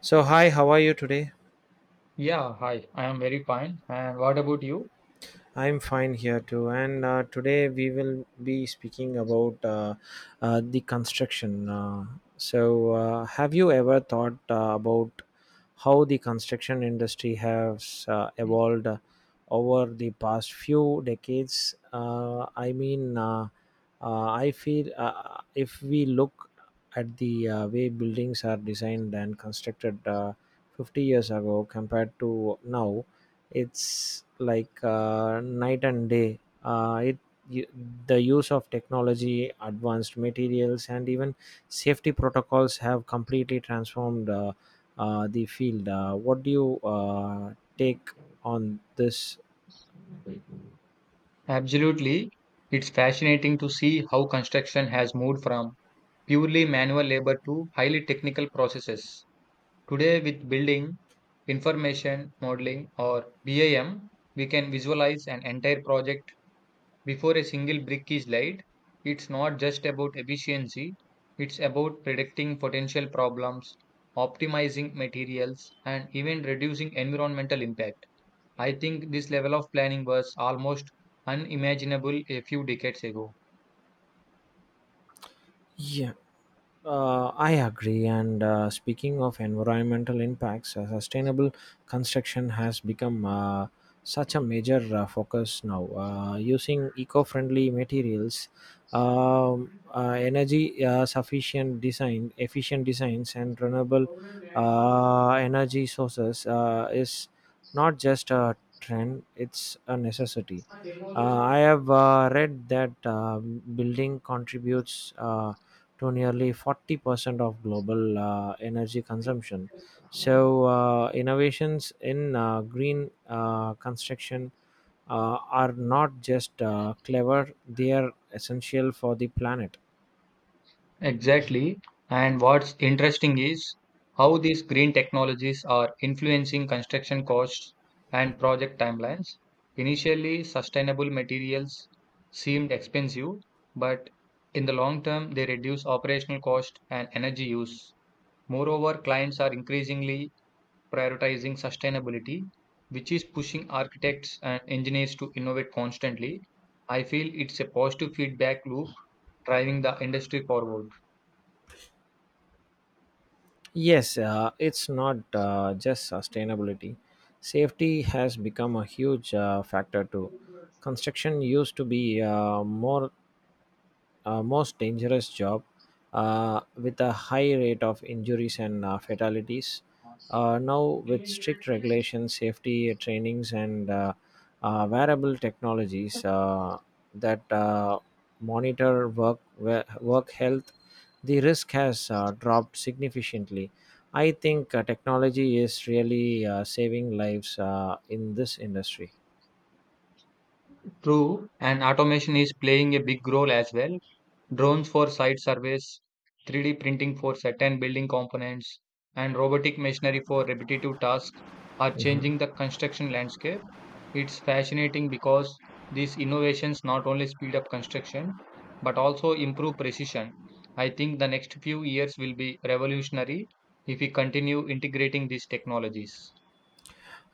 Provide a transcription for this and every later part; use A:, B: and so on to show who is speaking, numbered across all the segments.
A: So, hi, how are you today?
B: Yeah, hi. I am very fine. And what about you?
A: I'm fine here too. And today we will be speaking about the construction. Have you ever thought about how the construction industry has evolved over the past few decades? I mean, I feel if we look at the way buildings are designed and constructed 50 years ago compared to now, it's like night and day. uh, it y- the use of technology, advanced materials, and even safety protocols have completely transformed the field. What do you take on this?
B: Absolutely. It's fascinating to see how construction has moved from purely manual labor to highly technical processes. Today, with building, information modeling, or BIM, we can visualize an entire project before a single brick is laid. It's not just about efficiency, it's about predicting potential problems, optimizing materials, and even reducing environmental impact. I think this level of planning was almost unimaginable a few decades ago.
A: Yeah. I agree. And speaking of environmental impacts, sustainable construction has become such a major focus now. Using eco friendly materials, energy efficient designs, and renewable energy sources is not just a trend, it's a necessity. I have read that building contributes to nearly 40% of global energy consumption. So, innovations in green construction uh, are not just clever, they are essential for the planet.
B: Exactly. And what's interesting is how these green technologies are influencing construction costs and project timelines. Initially, sustainable materials seemed expensive, but in the long term, they reduce operational cost and energy use. Moreover, clients are increasingly prioritizing sustainability, which is pushing architects and engineers to innovate constantly. I feel it's a positive feedback loop driving the industry forward.
A: Yes, it's not just sustainability. Safety has become a huge factor too. Construction used to be more most dangerous job with a high rate of injuries and fatalities. Now, with strict regulations, safety trainings, and wearable technologies that monitor work health, the risk has dropped significantly. I think technology is really saving lives in this industry.
B: True, and automation is playing a big role as well. Drones for site surveys, 3D printing for certain building components, and robotic machinery for repetitive tasks are
A: Mhm.
B: changing the construction landscape. It's fascinating because these innovations not only speed up construction but also improve precision. I think the next few years will be revolutionary if we continue integrating these technologies.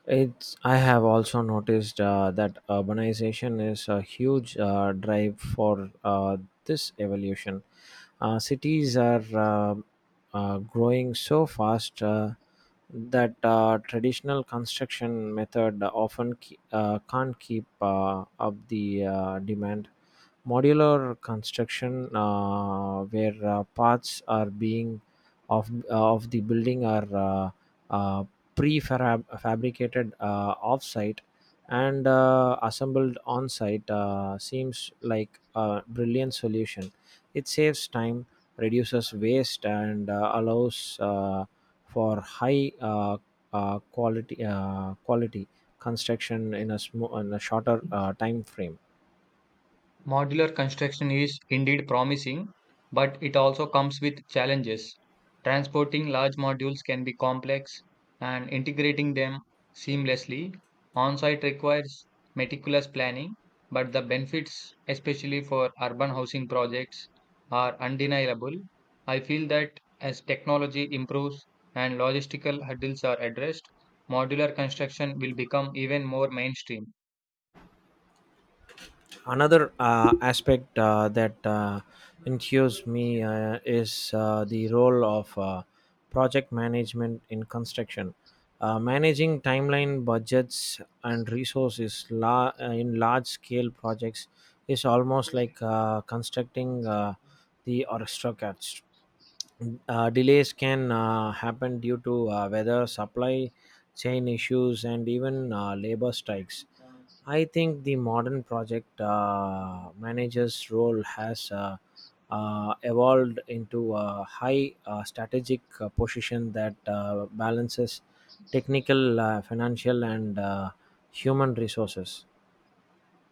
A: I have also noticed that urbanization is a huge drive for this evolution. Cities are growing so fast, that traditional construction method often can't keep up the demand. Modular construction, where parts are being of the building are uh, prefabricated fabricated off-site and assembled on-site, seems like a brilliant solution. It saves time, reduces waste, and allows for high quality quality construction in in a shorter time frame.
B: Modular construction is indeed promising, but it also comes with challenges. Transporting large modules can be complex, and integrating them seamlessly on site requires meticulous planning, but the benefits, especially for urban housing projects, are undeniable. I feel that as technology improves and logistical hurdles are addressed, modular construction will become even more mainstream.
A: Another aspect that intrigues me is the role of project management in construction. Managing timeline, budgets, and resources in large scale projects is almost like constructing the orchestra cast. Delays can happen due to weather, supply chain issues, and even labor strikes. I think the modern project manager's role has evolved into a high strategic position that balances technical, financial, and human resources.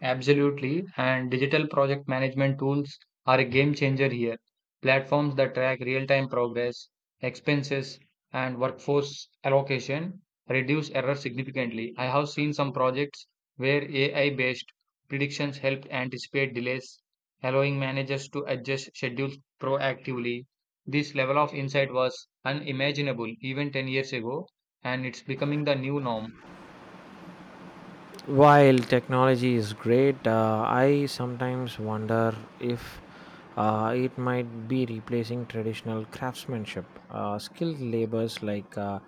B: Absolutely, and digital project management tools are a game changer here. Platforms that track real time progress, expenses, and workforce allocation reduce error significantly. I have seen some projects where AI based predictions helped anticipate delays, allowing managers to adjust schedules proactively. This level of insight was unimaginable even 10 years ago, and it's becoming the new norm.
A: While technology is great, I sometimes wonder if it might be replacing traditional craftsmanship. Skilled labors like uh,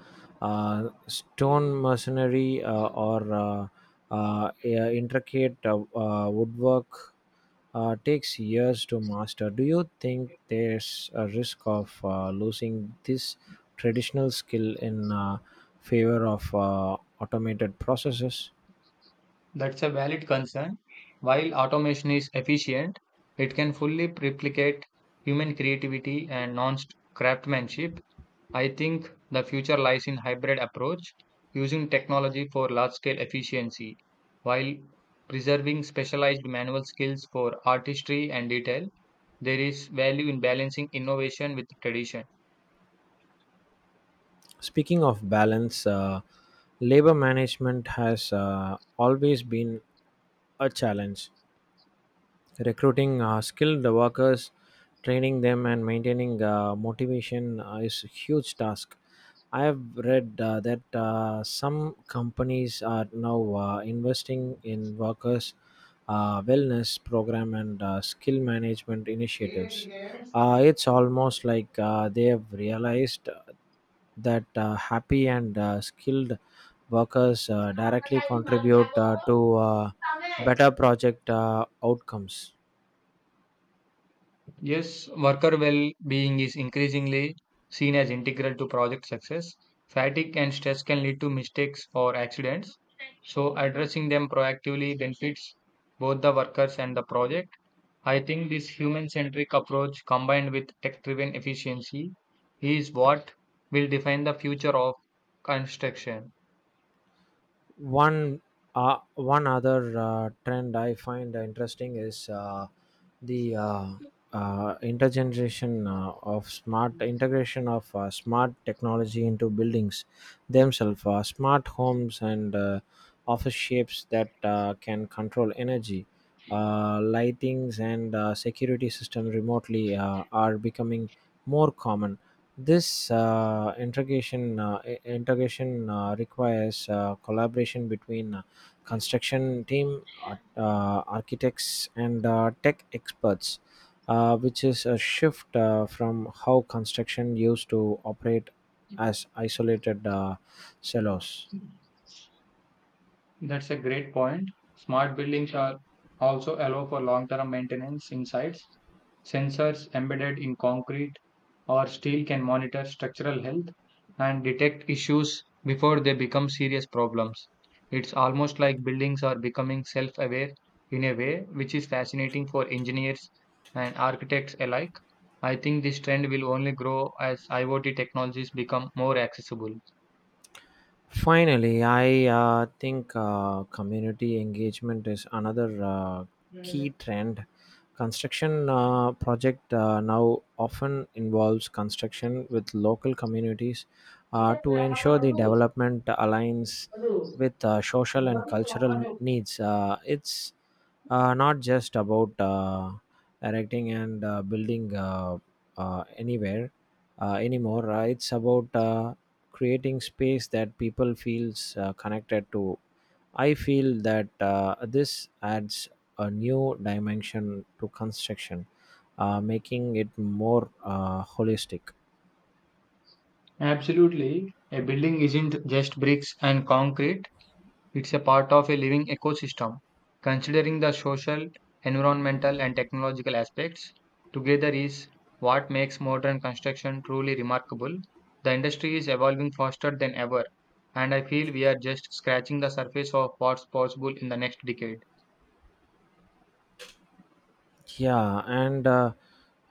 A: uh, stone masonry or yeah, intricate woodwork takes years to master. Do you think there's a risk of losing this traditional skill in favor of automated processes?
B: That's a valid concern. While automation is efficient, it can fully replicate human creativity and non craftsmanship. I think the future lies in hybrid approach, using technology for large scale efficiency, while preserving specialized manual skills for artistry and detail. There is value in balancing innovation with tradition.
A: Speaking of balance, labor management has always been a challenge. Recruiting skilled workers, training them, and maintaining motivation is a huge task. I have read that some companies are now investing in workers' wellness program and skill management initiatives. It's almost like they have realized that happy and skilled workers directly contribute to better project outcomes.
B: Yes, worker well being is increasingly seen as integral to project success. Fatigue and stress can lead to mistakes or accidents, so addressing them proactively benefits both the workers and the project. I think this human centric approach combined with tech driven efficiency is what will define the future of construction.
A: one One other trend I find interesting is the intergeneration of smart integration of smart technology into buildings themselves, smart homes and office shapes that can control energy, lightings, and security system remotely are becoming more common. This integration requires collaboration between construction team, architects, and tech experts, which is a shift from how construction used to operate as isolated silos.
B: That's a great point. Smart buildings are also allow for long-term maintenance insights. Sensors embedded in concrete or steel can monitor structural health and detect issues before they become serious problems. It's almost like buildings are becoming self-aware in a way, which is fascinating for engineers and architects alike. I think this trend will only grow as IoT technologies become more accessible.
A: Finally, I think community engagement is another key trend. Construction project now often involves construction with local communities to ensure the development aligns with social and cultural needs. It's not just about erecting and building anywhere anymore. It's about creating space that people feels connected to. I feel that this adds a new dimension to construction, making it more holistic.
B: Absolutely. A building isn't just bricks and concrete, it's a part of a living ecosystem. Considering the social, environmental, and technological aspects together is what makes modern construction truly remarkable. The industry is evolving faster than ever, and I feel we are just scratching the surface of what's possible in the next decade.
A: Yeah, and uh,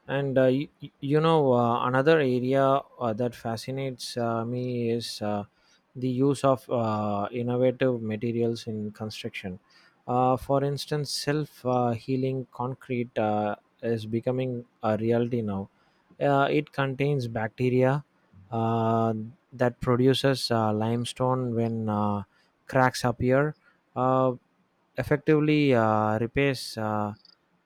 A: and uh, another area that fascinates me is the use of innovative materials in construction. For instance, self healing concrete is becoming a reality now. It contains bacteria uh, that produces limestone when cracks appear, uh, effectively repairs uh,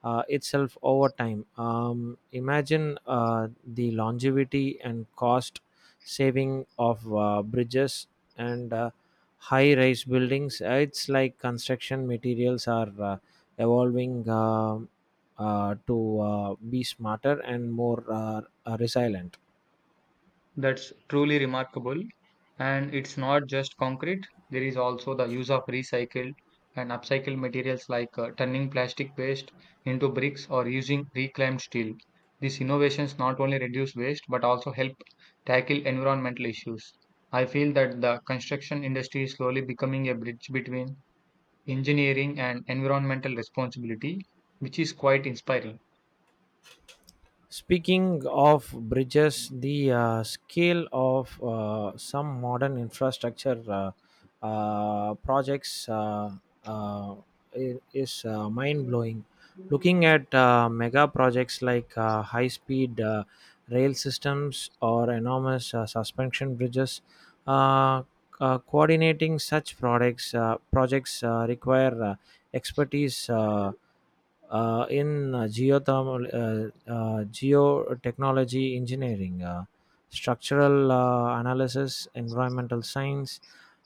A: uh, itself over time. Imagine the longevity and cost saving of bridges and high rise buildings. It's like construction materials are evolving to be smarter and more resilient.
B: That's truly remarkable. And it's not just concrete, there is also the use of recycled and upcycled materials like turning plastic waste into bricks or using reclaimed steel. These innovations not only reduce waste but also help tackle environmental issues. I feel that the construction industry is slowly becoming a bridge between engineering and environmental responsibility, which is quite inspiring.
A: Speaking of bridges, the scale of some modern infrastructure projects uh, is mind blowing. Looking at mega projects like high speed rail systems or enormous suspension bridges, uh, coordinating such projects require expertise in geothermal geotechnology engineering, structural analysis, environmental science,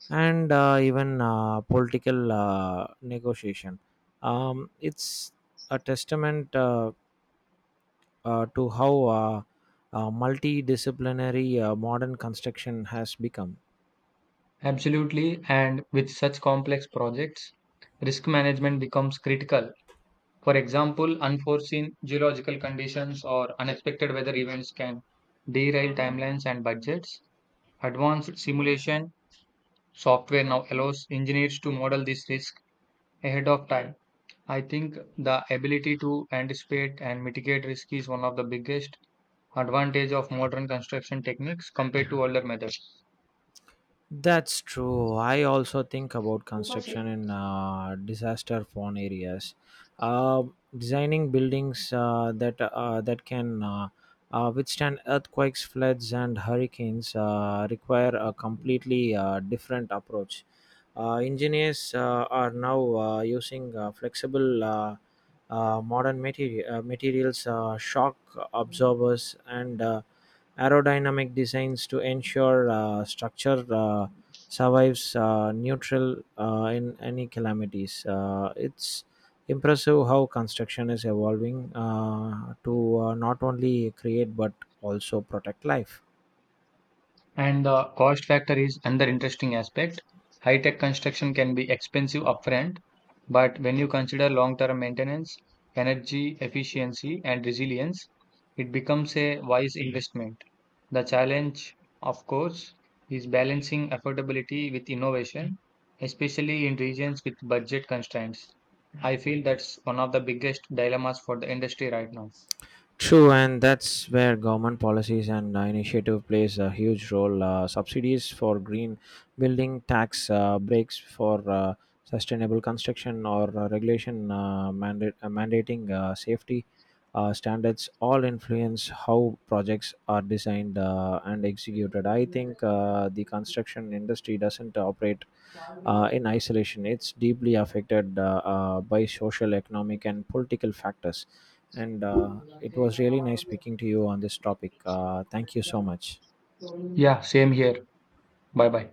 A: and even political negotiation. It's a testament to how multidisciplinary modern construction has become.
B: Absolutely, and with such complex projects, risk management becomes critical. For example, unforeseen geological conditions or unexpected weather events can derail timelines and budgets. Advanced simulation software now allows engineers to model this risk ahead of time. I think the ability to anticipate and mitigate risk is one of the biggest advantage of modern construction techniques compared to older methods.
A: That's true. I also think about construction in disaster prone areas. Uh, Designing buildings that can withstand earthquakes, floods, and hurricanes require a completely different approach. Engineers are now using flexible materials, shock absorbers, and aerodynamic designs to ensure structure survives neutral in any calamities. It's impressive how construction is evolving to not only create but also protect life.
B: And the cost factor is another interesting aspect. High tech construction can be expensive upfront, but when you consider long term maintenance, energy efficiency, and resilience, it becomes a wise investment. The challenge, of course, is balancing affordability with innovation, especially in regions with budget constraints. I feel that's one of the biggest dilemmas for the industry right now.
A: True, and that's where government policies and initiative plays a huge role. Subsidies for green building, tax breaks for sustainable construction, or mandating safety standards all influence how projects are designed and executed. I think the construction industry doesn't operate in isolation; it's deeply affected by social, economic, and political factors, and it was really nice speaking to you on this topic. Thank you so much.
B: Yeah, same here. Bye bye.